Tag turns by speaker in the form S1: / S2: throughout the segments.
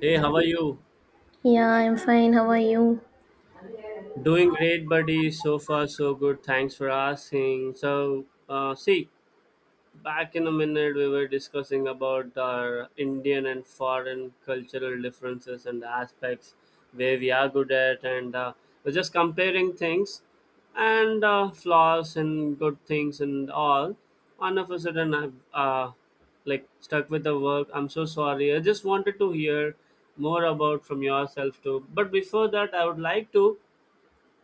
S1: Hey, how are you?
S2: Yeah, I'm fine. How are you?
S1: Doing great, buddy. So far, so good. Thanks for asking. So, see, back in a minute, we were discussing about our Indian and foreign cultural differences and aspects where we are good at, and we're just comparing things and flaws and good things and all. All of a sudden, I'm like stuck with the work. I'm so sorry. I just wanted to hear more about from yourself too. But before that, I would like to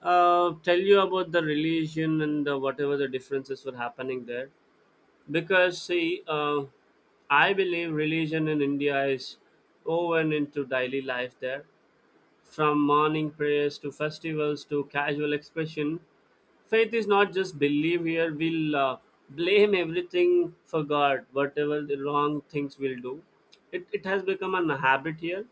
S1: tell you about the religion and whatever the differences were happening there. Because see, I believe religion in India is woven into daily life there, from morning prayers to festivals to casual expression. Faith is not just believe here. We'll blame everything for god whatever the wrong things we'll do. It has become an habit here,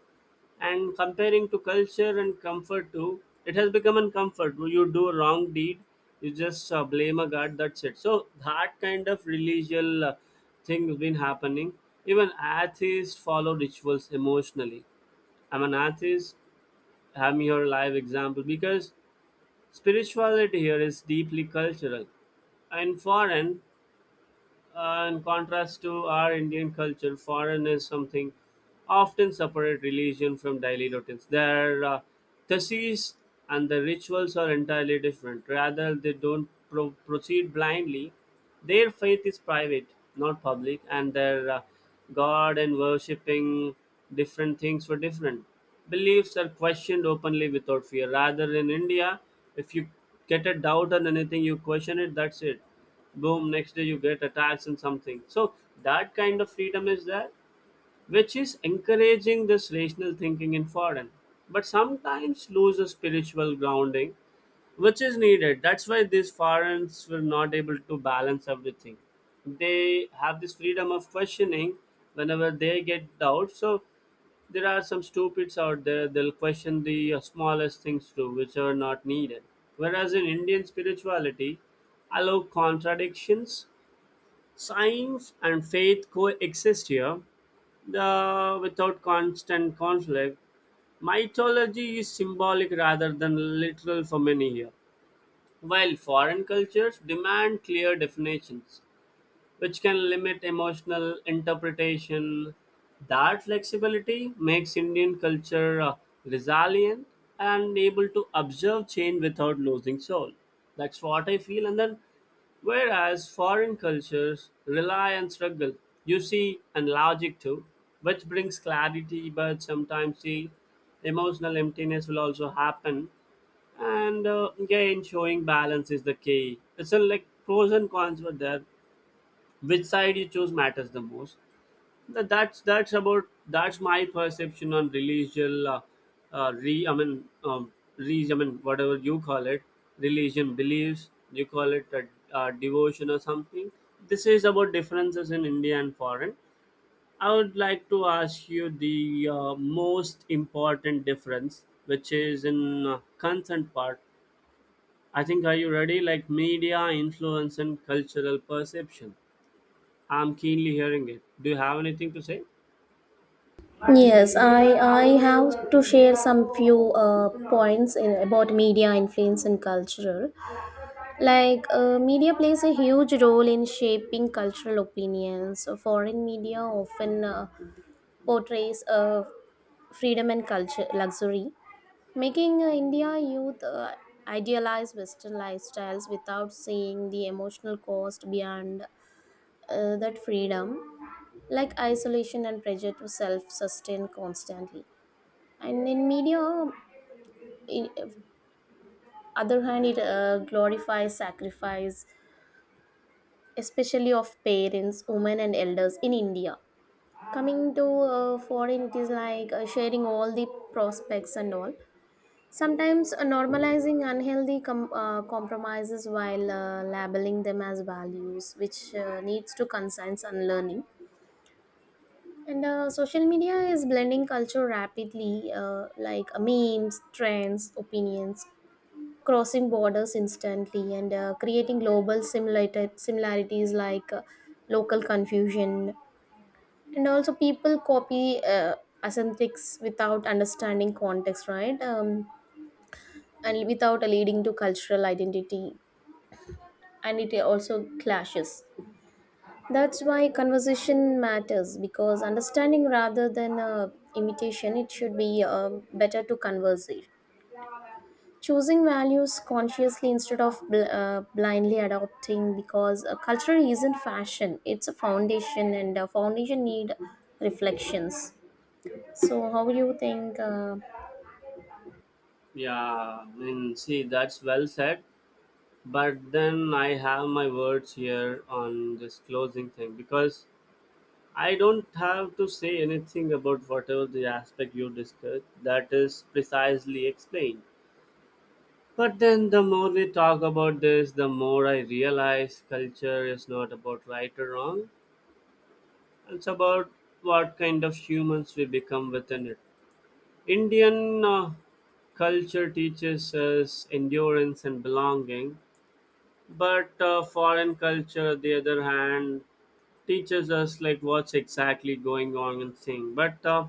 S1: and comparing to culture and comfort too, it has become a comfort. When you do a wrong deed, you just blame a god, that's it. So that kind of religious thing has been happening. Even atheists follow rituals emotionally. I'm an atheist, have me your live example. Because spirituality here is deeply cultural. And foreign, in contrast to our Indian culture, foreign is something often separate religion from daily routines. Their theses and the rituals are entirely different. Rather, they don't proceed blindly. Their faith is private, not public, and their God and worshipping different things for different. Beliefs are questioned openly without fear. Rather, in India, if you get a doubt on anything, you question it, that's it. Boom, next day you get a tax and something. So that kind of freedom is there, which is encouraging this rational thinking in foreign, but sometimes lose the spiritual grounding which is needed. That's why these foreigners were not able to balance everything. They have this freedom of questioning whenever they get doubts. So there are some stupids out there. They'll question the smallest things too, which are not needed. Whereas in Indian spirituality, allow contradictions. Science and faith coexist here, without constant conflict. Mythology is symbolic rather than literal for many here, while foreign cultures demand clear definitions which can limit emotional interpretation. That flexibility makes Indian culture resilient and able to observe change without losing soul. That's what I feel. And then, whereas foreign cultures rely on struggle, you see, and logic too, which brings clarity, but sometimes the emotional emptiness will also happen. And again showing balance is the key. It's a like pros and cons were there, which side you choose matters the most. That's my perception on religious, re I mean, whatever you call it, religion beliefs, you call it a devotion or something. This is about differences in India and foreign. I would like to ask you the most important difference, which is in consent part, I think. Are you ready? Like media influence and cultural perception. I'm keenly hearing it. Do you have anything to say?
S2: Yes, I have to share some few points about media influence and cultural. Like media plays a huge role in shaping cultural opinions. Foreign media often portrays freedom and culture luxury, making India youth idealize Western lifestyles without seeing the emotional cost beyond that freedom. Like isolation and pressure to self sustain constantly. And in media, in other hand, it glorifies sacrifice, especially of parents, women, and elders in India. Coming to foreign, it is like sharing all the prospects and all. Sometimes normalizing unhealthy compromises while labeling them as values, which needs to conscience unlearning. And social media is blending culture rapidly, like memes, trends, opinions, crossing borders instantly, and creating global similarities like local confusion. And also, people copy aesthetics without understanding context, right? And without leading to cultural identity. And it also clashes. That's why conversation matters because understanding rather than imitation, it should be better to converse. Choosing values consciously instead of blindly adopting because culture isn't fashion, it's a foundation and a foundation need reflections. So how do you think?
S1: Yeah, I mean, see, that's well said. But then I have my words here on this closing thing because I don't have to say anything about whatever the aspect you discussed, that is precisely explained. But then the more we talk about this, the more I realize culture is not about right or wrong. It's about what kind of humans we become within it. Indian culture teaches us endurance and belonging, but foreign culture, the other hand, teaches us like what's exactly going on and thing. But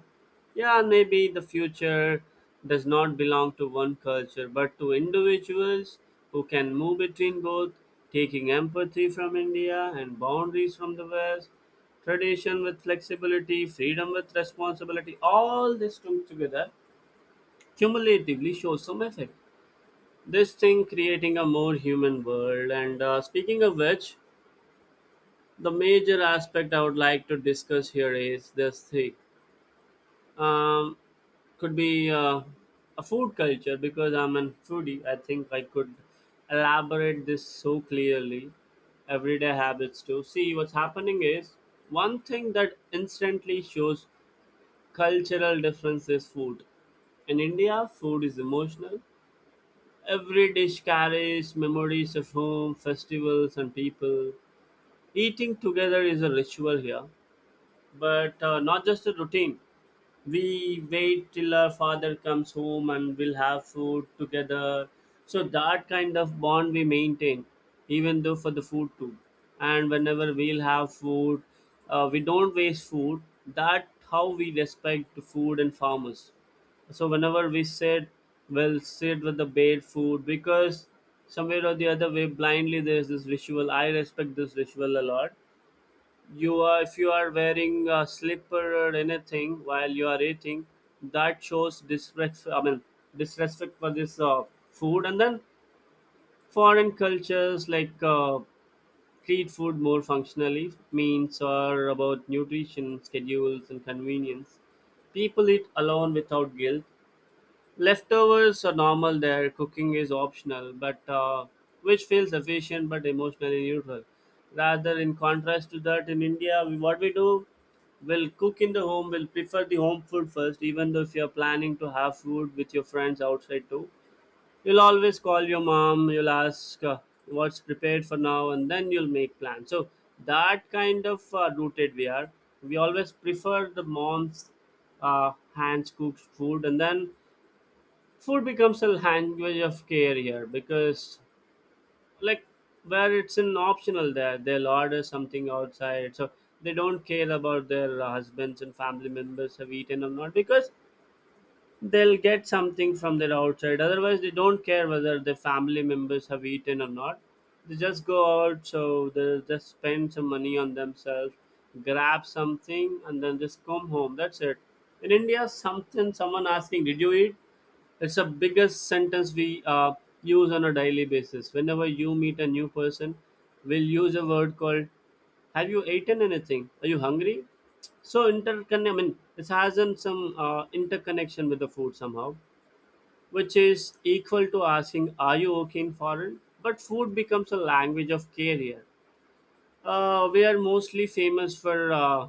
S1: yeah, maybe the future does not belong to one culture, but to individuals who can move between both, taking empathy from India and boundaries from the West, tradition with flexibility, freedom with responsibility. All this come together cumulatively shows some effect. This thing creating a more human world. And speaking of which, the major aspect I would like to discuss here is this thing. Um, could be a food culture, because I'm a foodie. I think I could elaborate this so clearly. Everyday habits too. See, what's happening is one thing that instantly shows cultural difference is food. In India, food is emotional. Every dish carries memories of home, festivals, and people. Eating together is a ritual here but not just a routine. We wait till our father comes home and we'll have food together. So that kind of bond we maintain, even though for the food too. And whenever we'll have food, we don't waste food. That how we respect the food and farmers. So whenever we sit, we'll sit with the bare food, because somewhere or the other way blindly there's this visual. I respect this visual a lot. You are If you are wearing a slipper or anything while you are eating, that shows disrespect. I mean, disrespect for this food. And then foreign cultures like treat food more functionally, means are about nutrition schedules and convenience. People eat alone without guilt. Leftovers are normal there, cooking is optional, but which feels efficient but emotionally neutral. Rather, in contrast to that, in India, what we do, we'll cook in the home, we'll prefer the home food first, even though if you're planning to have food with your friends outside too. You'll always call your mom, you'll ask what's prepared for now, and then you'll make plans. So, that kind of rooted we are. We always prefer the mom's hands cooked food. And then food becomes a language of care here, because like where it's an optional there they'll order something outside. So they don't care about their husbands and family members have eaten or not, because they'll get something from their outside. Otherwise they don't care whether their family members have eaten or not. They just go out, so they just spend some money on themselves, grab something and then just come home, that's it. In India, something, someone asking, "Did you eat?", it's the biggest sentence we use on a daily basis. Whenever you meet a new person, we'll use a word called, "Have you eaten anything? Are you hungry?" So intercon I mean, it has some interconnection with the food somehow, which is equal to asking, "Are you okay in foreign?" But food becomes a language of care. We are mostly famous for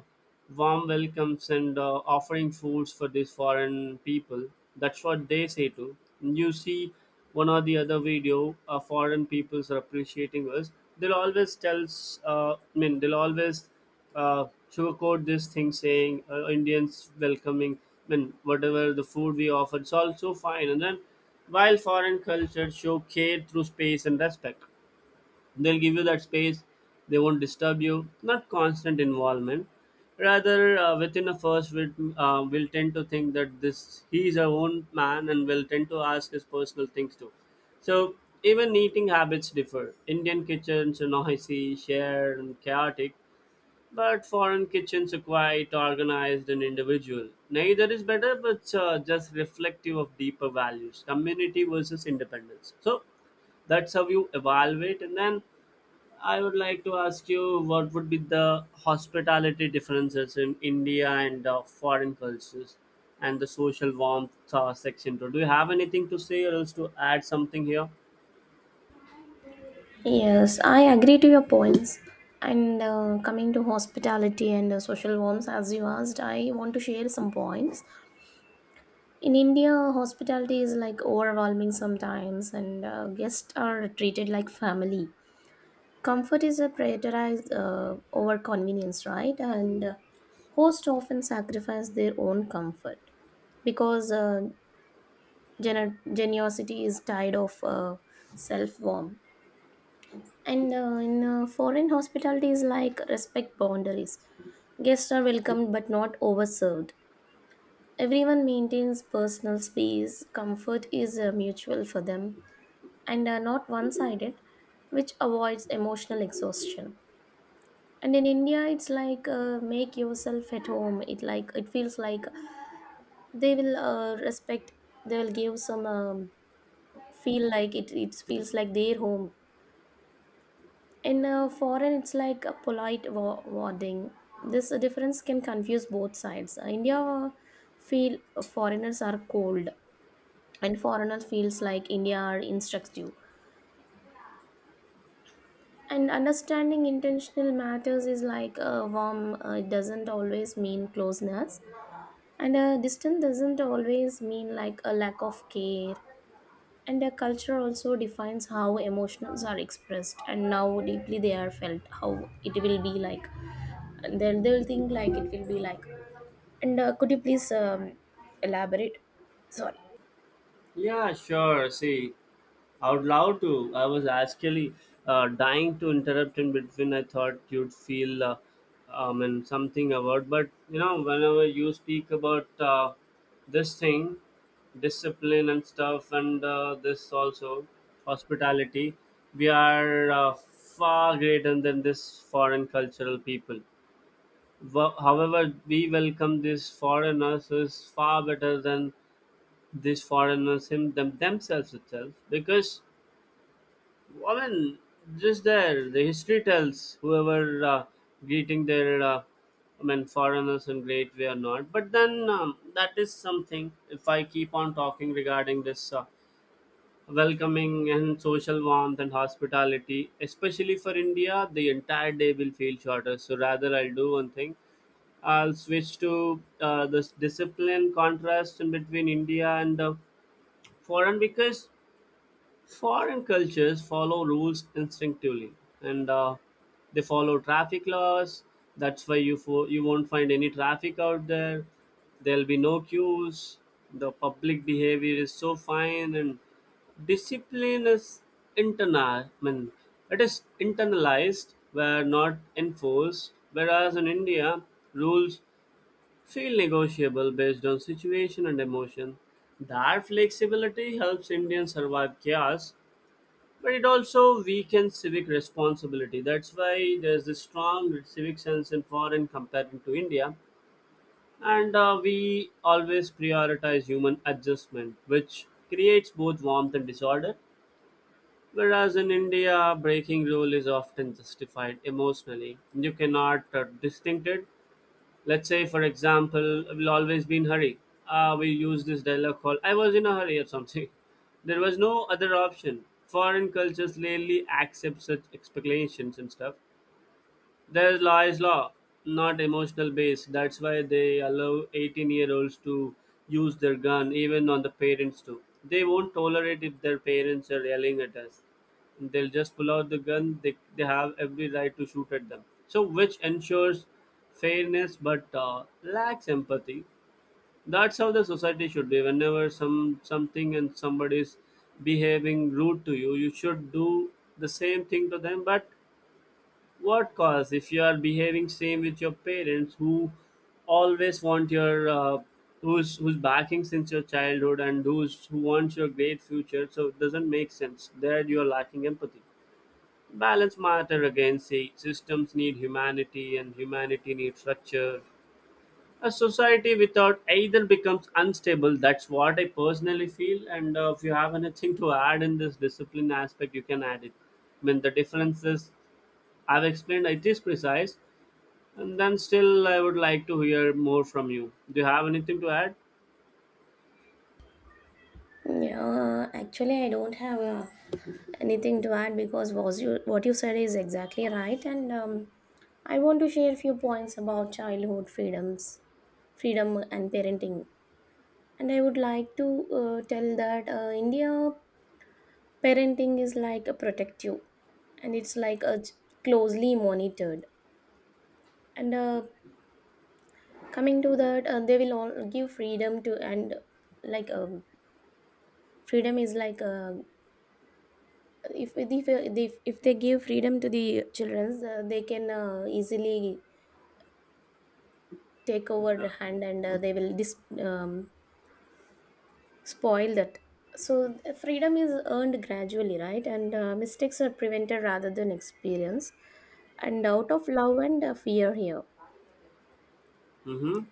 S1: warm welcomes and offering foods for these foreign people. That's what they say too. You see one or the other video, foreign peoples are appreciating us. They'll always tell us, I mean, they'll always uh, sugarcoat this thing saying, Indians welcoming, I mean, whatever the food we offer, it's also fine. And then while foreign cultures show care through space and respect, they'll give you that space, they won't disturb you, not constant involvement. Rather within a first will tend to think that this he is our own man and will tend to ask his personal things too. So even eating habits differ. Indian kitchens are noisy, shared and chaotic, but foreign kitchens are quite organized and individual. Neither is better, but just reflective of deeper values, community versus independence. So that's how you evaluate. And then I would like to ask you what would be the hospitality differences in India and foreign cultures, and the social warmth section. Do you have anything to say or else to add something here?
S2: Yes, I agree to your points. And coming to hospitality and social norms, as you asked, I want to share some points. In India, hospitality is like overwhelming sometimes, and guests are treated like family. Comfort is a prioritized over convenience, right? And hosts often sacrifice their own comfort because generosity is tied of self warmth. And in foreign hospitality is like respect boundaries. Guests are welcomed but not overserved. Everyone maintains personal space, comfort is mutual for them and not one sided, which avoids emotional exhaustion. And in India, it's like make yourself at home. It like it feels like they will respect. They will give some feel like it. It feels like their home. In foreign, it's like a polite wording. This difference can confuse both sides. India feel foreigners are cold and foreigner feels like India are instructive. And understanding intentional matters is like a warm doesn't always mean closeness, and a distant doesn't always mean like a lack of care. And a culture also defines how emotions are expressed and how deeply they are felt. How it will be like, and they'll think like it will be like. And could you please elaborate? Sorry.
S1: Yeah, sure. See, out loud too. I was actually dying to interrupt in between. I thought you'd feel, I mean, something about. But you know, whenever you speak about this thing, discipline and stuff, and this also hospitality, we are far greater than this foreign cultural people. However, we welcome these foreigners is far better than these foreigners him, them, themselves itself. Because I mean, just there, the history tells whoever greeting I mean, foreigners in great way or not. But then that is something. If I keep on talking regarding this welcoming and social warmth and hospitality, especially for India, the entire day will feel shorter. So rather, I'll do one thing. I'll switch to this discipline contrast in between India and foreign. Because foreign cultures follow rules instinctively, and they follow traffic laws. That's why you won't find any traffic out there. There'll be no queues. The public behavior is so fine, and discipline is internal. I mean, it is internalized, where not enforced. Whereas in India, rules feel negotiable based on situation and emotion. That flexibility helps Indians survive chaos, but it also weakens civic responsibility. That's why there's this strong civic sense in foreign compared to India, and we always prioritize human adjustment, which creates both warmth and disorder. Whereas in India, breaking rule is often justified emotionally. You cannot distinct it. Let's say, for example, we'll always be in hurry. We use this dialogue called "I was in a hurry" or something. There was no other option. Foreign cultures rarely accept such explanations and stuff. There's law is law, not emotional base. That's why they allow 18-year-olds to use their gun, even on the parents too. They won't tolerate if their parents are yelling at us. They'll just pull out the gun. They have every right to shoot at them. So, which ensures fairness but lacks empathy. That's how the society should be. Whenever something and somebody is behaving rude to you, you should do the same thing to them, but what cause if you are behaving same with your parents who always want your who's backing since your childhood and who wants your great future, so it doesn't make sense there. You're lacking empathy. Balance matter again. See, systems need humanity and humanity needs structure. A society without either becomes unstable. That's what I personally feel, and if you have anything to add in this discipline aspect, you can add it. I mean the differences I've explained it is precise, and then still, I would like to hear more from you. Do you have anything to add?
S2: Yeah, actually, I don't have a anything to add because was you what you said is exactly right, and I want to share a few points about childhood freedoms, freedom and parenting, and I would like to tell that India parenting is like a protective, and it's like a closely monitored. And coming to that they will all give freedom to, and like freedom is like if, if if they give freedom to the children, they can easily take over
S1: Yeah.
S2: the hand, and they will spoil that. So freedom is earned gradually, right, and mistakes are prevented rather than experienced, and out of love and fear here.
S1: Mm-hmm.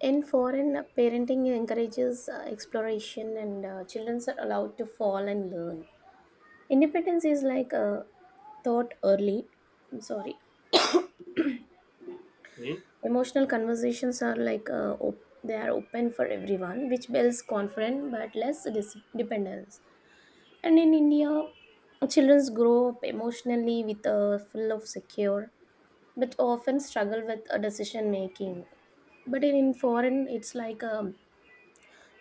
S2: In foreign, parenting encourages exploration, and children are allowed to fall and learn. Independence is like thought early. I'm sorry.
S1: Okay.
S2: Emotional conversations are like they are open for everyone, which builds confidence but less dependence. And in India, children grow up emotionally with a full of secure, but often struggle with a decision making. But in foreign, it's like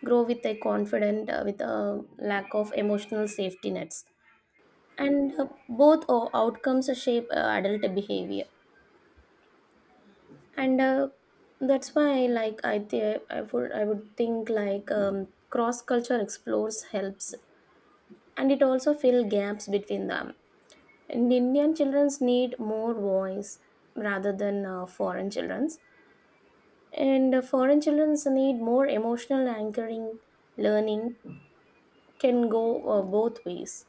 S2: grow with a confident, with a lack of emotional safety nets. And both outcomes shape adult behavior. And that's why, like I would think like cross culture explores helps, and it also fill gaps between them. And Indian childrens need more voice rather than foreign childrens. And foreign childrens need more emotional anchoring. Learning can go both ways.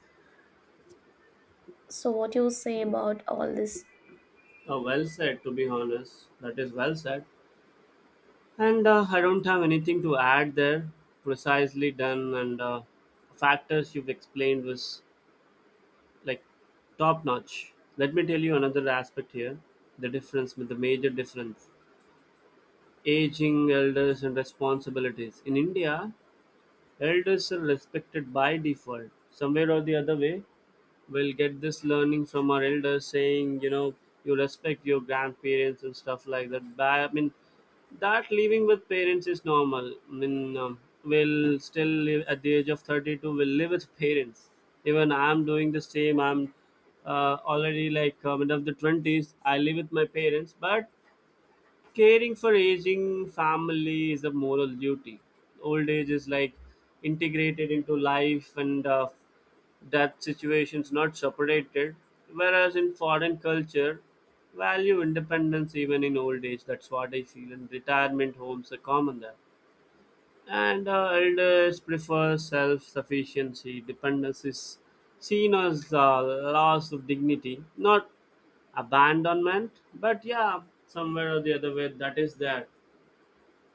S2: So, what you say about all this?
S1: Oh, well said, to be honest. That is well said. And I don't have anything to add there. Precisely done, and factors you've explained was like top notch. Let me tell you another aspect here, the difference, the major difference: aging, elders, and responsibilities. In India, elders are respected by default, somewhere or the other way. We'll get this learning from our elders saying, you know, you respect your grandparents and stuff like that. But I mean, that living with parents is normal. I mean, we'll still live at the age of 32, we'll live with parents. Even I'm doing the same. I'm already like end of the 20s, I live with my parents. But caring for aging family is a moral duty. Old age is like integrated into life, and that situation's not separated. Whereas in foreign culture, value independence even in old age. That's what I feel. And retirement homes are common there, and elders prefer self-sufficiency. Dependence is seen as the loss of dignity, not abandonment. But yeah, somewhere or the other way, that is there.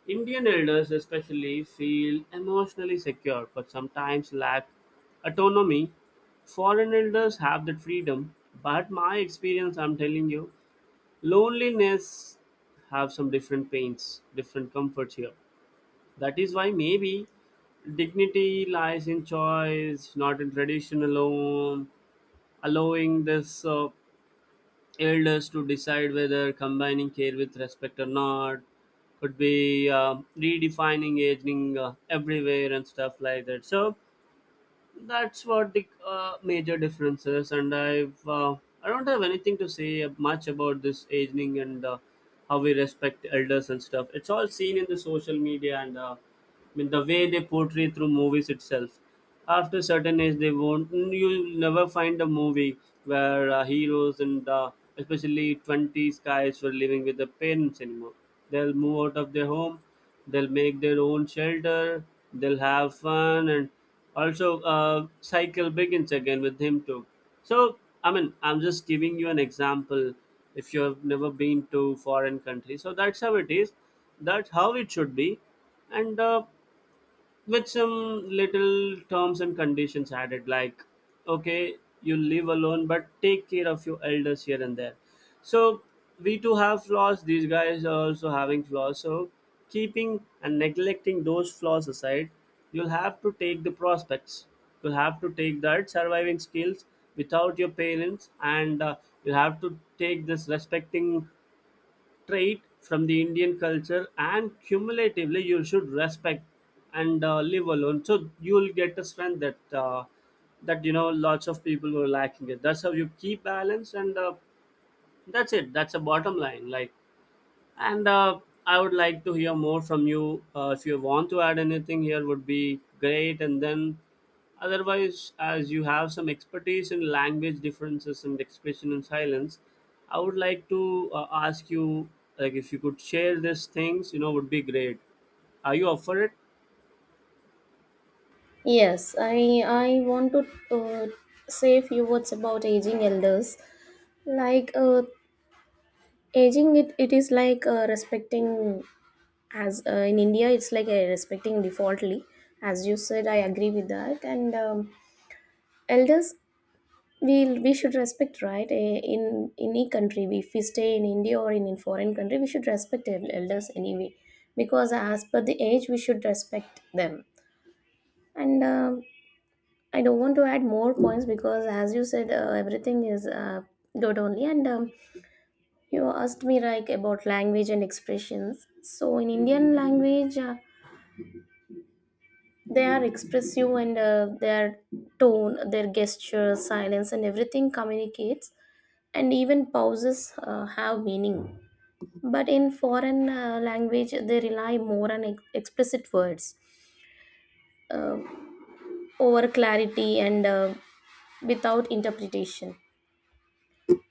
S1: Indian elders especially feel emotionally secure, but sometimes lack autonomy. Foreign elders have that freedom, but my experience, I'm telling you, loneliness have some different pains, different comforts here. That is why maybe dignity lies in choice, not in tradition alone. Allowing this elders to decide whether combining care with respect or not could be redefining aging everywhere and stuff like that. So that's what the major difference is, and I've I don't have anything to say much about this aging and how we respect elders and stuff. It's all seen in the social media, and I mean the way they portray through movies itself. After certain age, they won't, you'll never find a movie where heroes and especially 20s guys were living with their parents anymore. They'll move out of their home, they'll make their own shelter, they'll have fun, and also cycle begins again with him too. So I mean, I'm just giving you an example. If you have never been to foreign country, so that's how it is, that's how it should be, and with some little terms and conditions added like, okay, you live alone but take care of your elders here and there. So we too have flaws, these guys are also having flaws. So keeping and neglecting those flaws aside, you'll have to take the prospects, you'll have to take that surviving skills without your parents, and you'll have to take this respecting trait from the Indian culture, and cumulatively, you should respect and live alone. So you'll get a strength that that you know lots of people were lacking it. That's how you keep balance, and that's it. That's a bottom line. Like, and I would like to hear more from you. If you want to add anything here, would be great. And then, otherwise, as you have some expertise in language differences and expression in silence, I would like to ask you, like, if you could share these things, you know, would be great. Are you up for it?
S2: Yes, I want to say a few words about aging elders. Like aging, it is like respecting. As in India, it's like respecting defaultly. As you said, I agree with that. And elders we should respect, right. In any country, if we stay in India or in a foreign country, we should respect elders anyway, because as per the age we should respect them. And I don't want to add more points because as you said everything is good only. And you asked me like about language and expressions. So in Indian language, they are expressive, and their tone, their gesture, silence, and everything communicates, and even pauses have meaning. But in foreign language, they rely more on explicit words, uh, over clarity and without interpretation.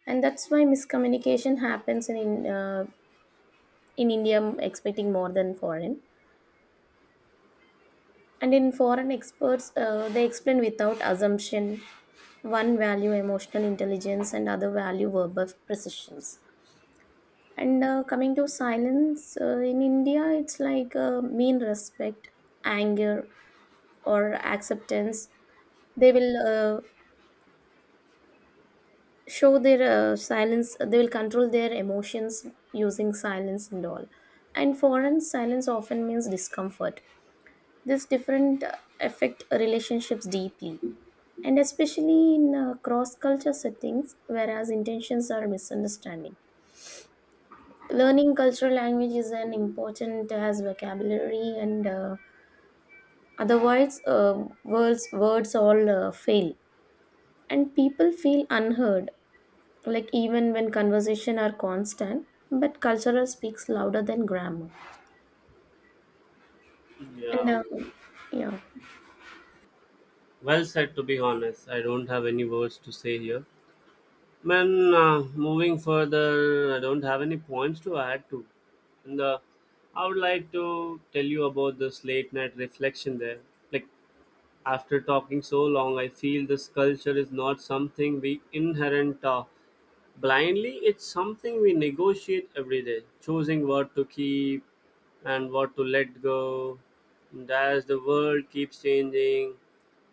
S2: And that's why miscommunication happens in India, expecting more than foreign. And in foreign experts, they explain without assumption. One value emotional intelligence, and other value verbal precisions. And coming to silence, in India, it's like mean respect, anger, or acceptance. They will uh, show their silence, they will control their emotions using silence and all. And foreign silence often means discomfort. This different affect relationships deeply. And especially in cross culture settings, whereas intentions are misunderstanding. Learning cultural language is an important as vocabulary, and otherwise words all fail and people feel unheard, like even when conversation are constant, but cultural speaks louder than grammar. and
S1: Yeah,
S2: uh, yeah
S1: well said. To be honest, I don't have any words to say here. Man, moving further, I don't have any points to add to. And I would like to tell you about this late night reflection there. Like, after talking so long, I feel this culture is not something we inherent blindly, it's something we negotiate every day, choosing what to keep and what to let go. And as the world keeps changing,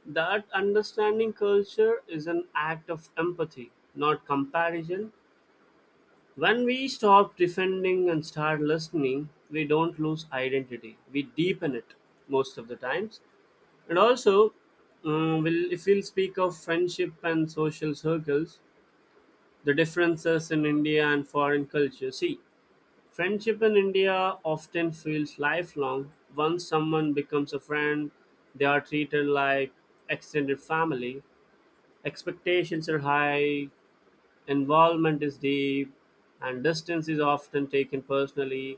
S1: that understanding culture is an act of empathy, not comparison. When we stop defending and start listening, we don't lose identity. We deepen it most of the times. And also, we'll, if we'll speak of friendship and social circles, the differences in India and foreign culture. See, friendship in India often feels lifelong. Once someone becomes a friend, they are treated like extended family. Expectations are high, involvement is deep, and distance is often taken personally.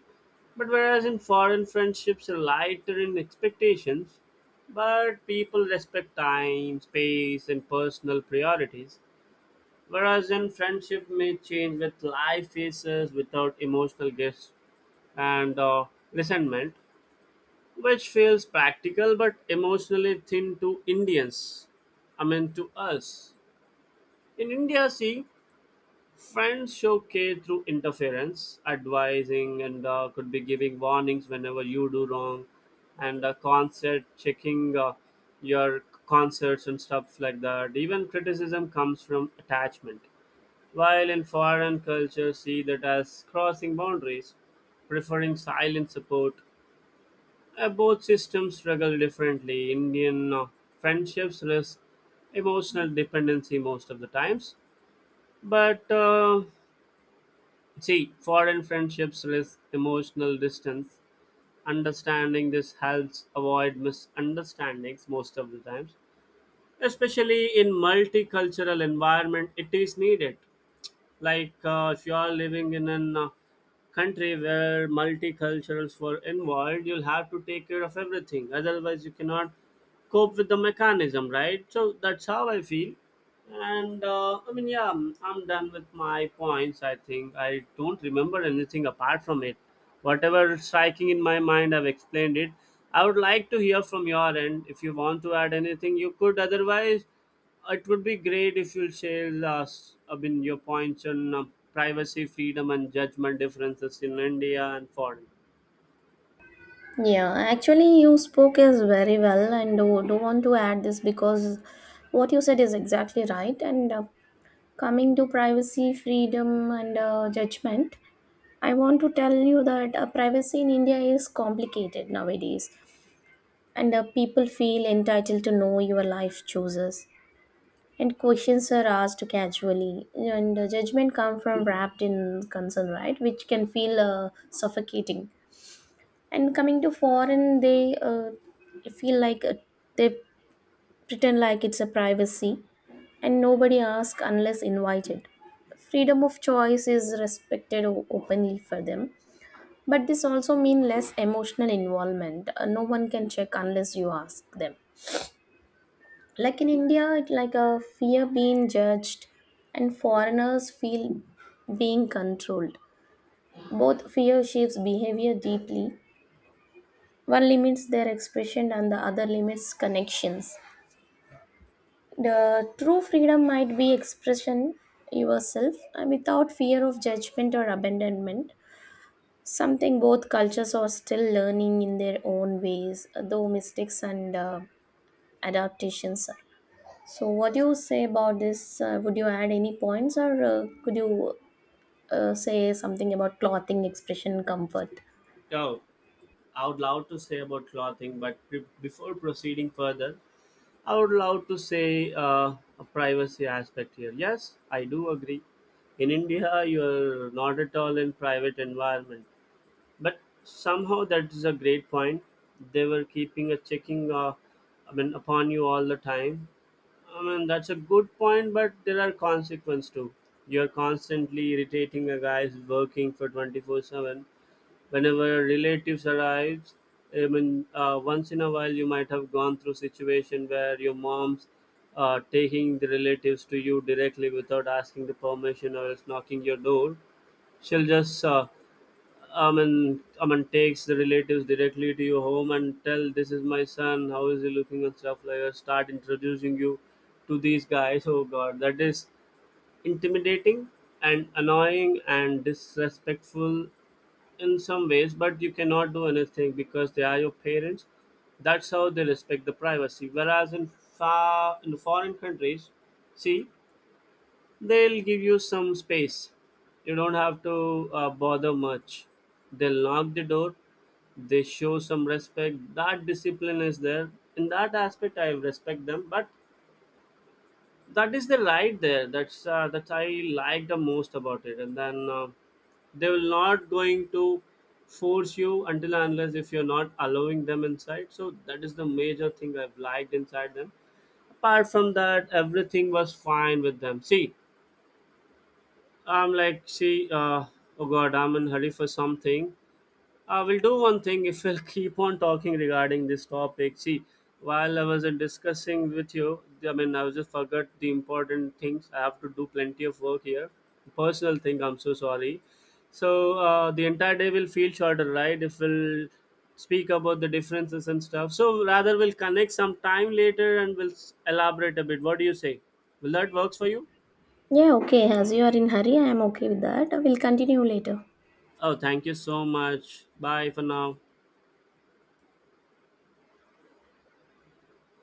S1: But whereas in foreign, friendships are lighter in expectations, but people respect time, space, and personal priorities. Whereas in friendship may change with life phases without emotional guests and resentment, which feels practical but emotionally thin to Indians. I mean to us. In India, see, friends show care through interference, advising, and could be giving warnings whenever you do wrong, and concert checking your concerts and stuff like that. Even criticism comes from attachment. While in foreign culture, see that as crossing boundaries, preferring silent support. Both systems struggle differently. Indian friendships risk emotional dependency most of the times, but see, foreign friendships risk emotional distance. Understanding this helps avoid misunderstandings most of the times. Especially in multicultural environment, it is needed. Like, if you are living in an country where multiculturals were involved, you'll have to take care of everything, otherwise you cannot cope with the mechanism, right? So that's how I feel, and I mean, yeah, I'm done with my points. I think I don't remember anything apart from it. Whatever is striking in my mind, I've explained it. I would like to hear from your end. If you want to add anything, you could, otherwise it would be great if you share us, I mean, your points on privacy, freedom, and judgment differences in India and foreign.
S2: yeah actually you spoke is very well, and do want to add this because what you said is exactly right. And coming to privacy, freedom, and judgment, I want to tell you that privacy in India is complicated nowadays, and people feel entitled to know your life choices. And questions are asked casually, and judgment come from wrapped in concern, right? Which can feel suffocating. And coming to foreign, they feel like they pretend like it's a privacy, and nobody asks unless invited. Freedom of choice is respected openly for them. But this also means less emotional involvement. No one can check unless you ask them. Like in India, it's like a fear being judged, and foreigners feel being controlled. Both fear shapes behavior deeply. One limits their expression, and the other limits connections. The true freedom might be expression yourself without fear of judgment or abandonment. Something both cultures are still learning in their own ways, though mistakes and adaptations are. So, what do you say about this? Would you add any points, or could you say something about clothing, expression, comfort?
S1: Oh, I would love to say about clothing, but before proceeding further, I would love to say a privacy aspect here. Yes, I do agree. In India, you are not at all in private environment. But somehow that's a great point. They were keeping a checking, I mean, upon you all the time. I mean, that's a good point, but there are consequences too. You're constantly irritating a guy who's working for 24/7. Whenever a relative arrives, I mean, once in a while you might have gone through situation where your mom's taking the relatives to you directly without asking the permission or else knocking your door. She'll just I Aman Aman takes the relatives directly to your home and tell this is my son, how is he looking and stuff like that. Start introducing you to these guys. Oh god, that is intimidating and annoying and disrespectful in some ways, but you cannot do anything because they are your parents. That's how they respect the privacy. Whereas in far in foreign countries, see, they'll give you some space. You don't have to bother much. They'll knock the door. They show some respect. That discipline is there. In that aspect, I respect them. But that is the right there. That I like the most about it. And then they will not going to force you until and unless if you're not allowing them inside. So that is the major thing I've liked inside them. Apart from that, everything was fine with them. See, I'm like, see, oh God, I'm in hurry for something. I will do one thing if we'll keep on talking regarding this topic. See, while I was in discussing with you, I mean, I just forgot the important things. I have to do plenty of work here. Personal thing, I'm so sorry. So the entire day will feel shorter, right? If we'll speak about the differences and stuff. So rather, we'll connect some time later and we'll elaborate a bit. What do you say? Will that works for you?
S2: Yeah, okay. As you are in hurry, I am okay with that. We'll continue later.
S1: Oh, thank you so much. Bye for now.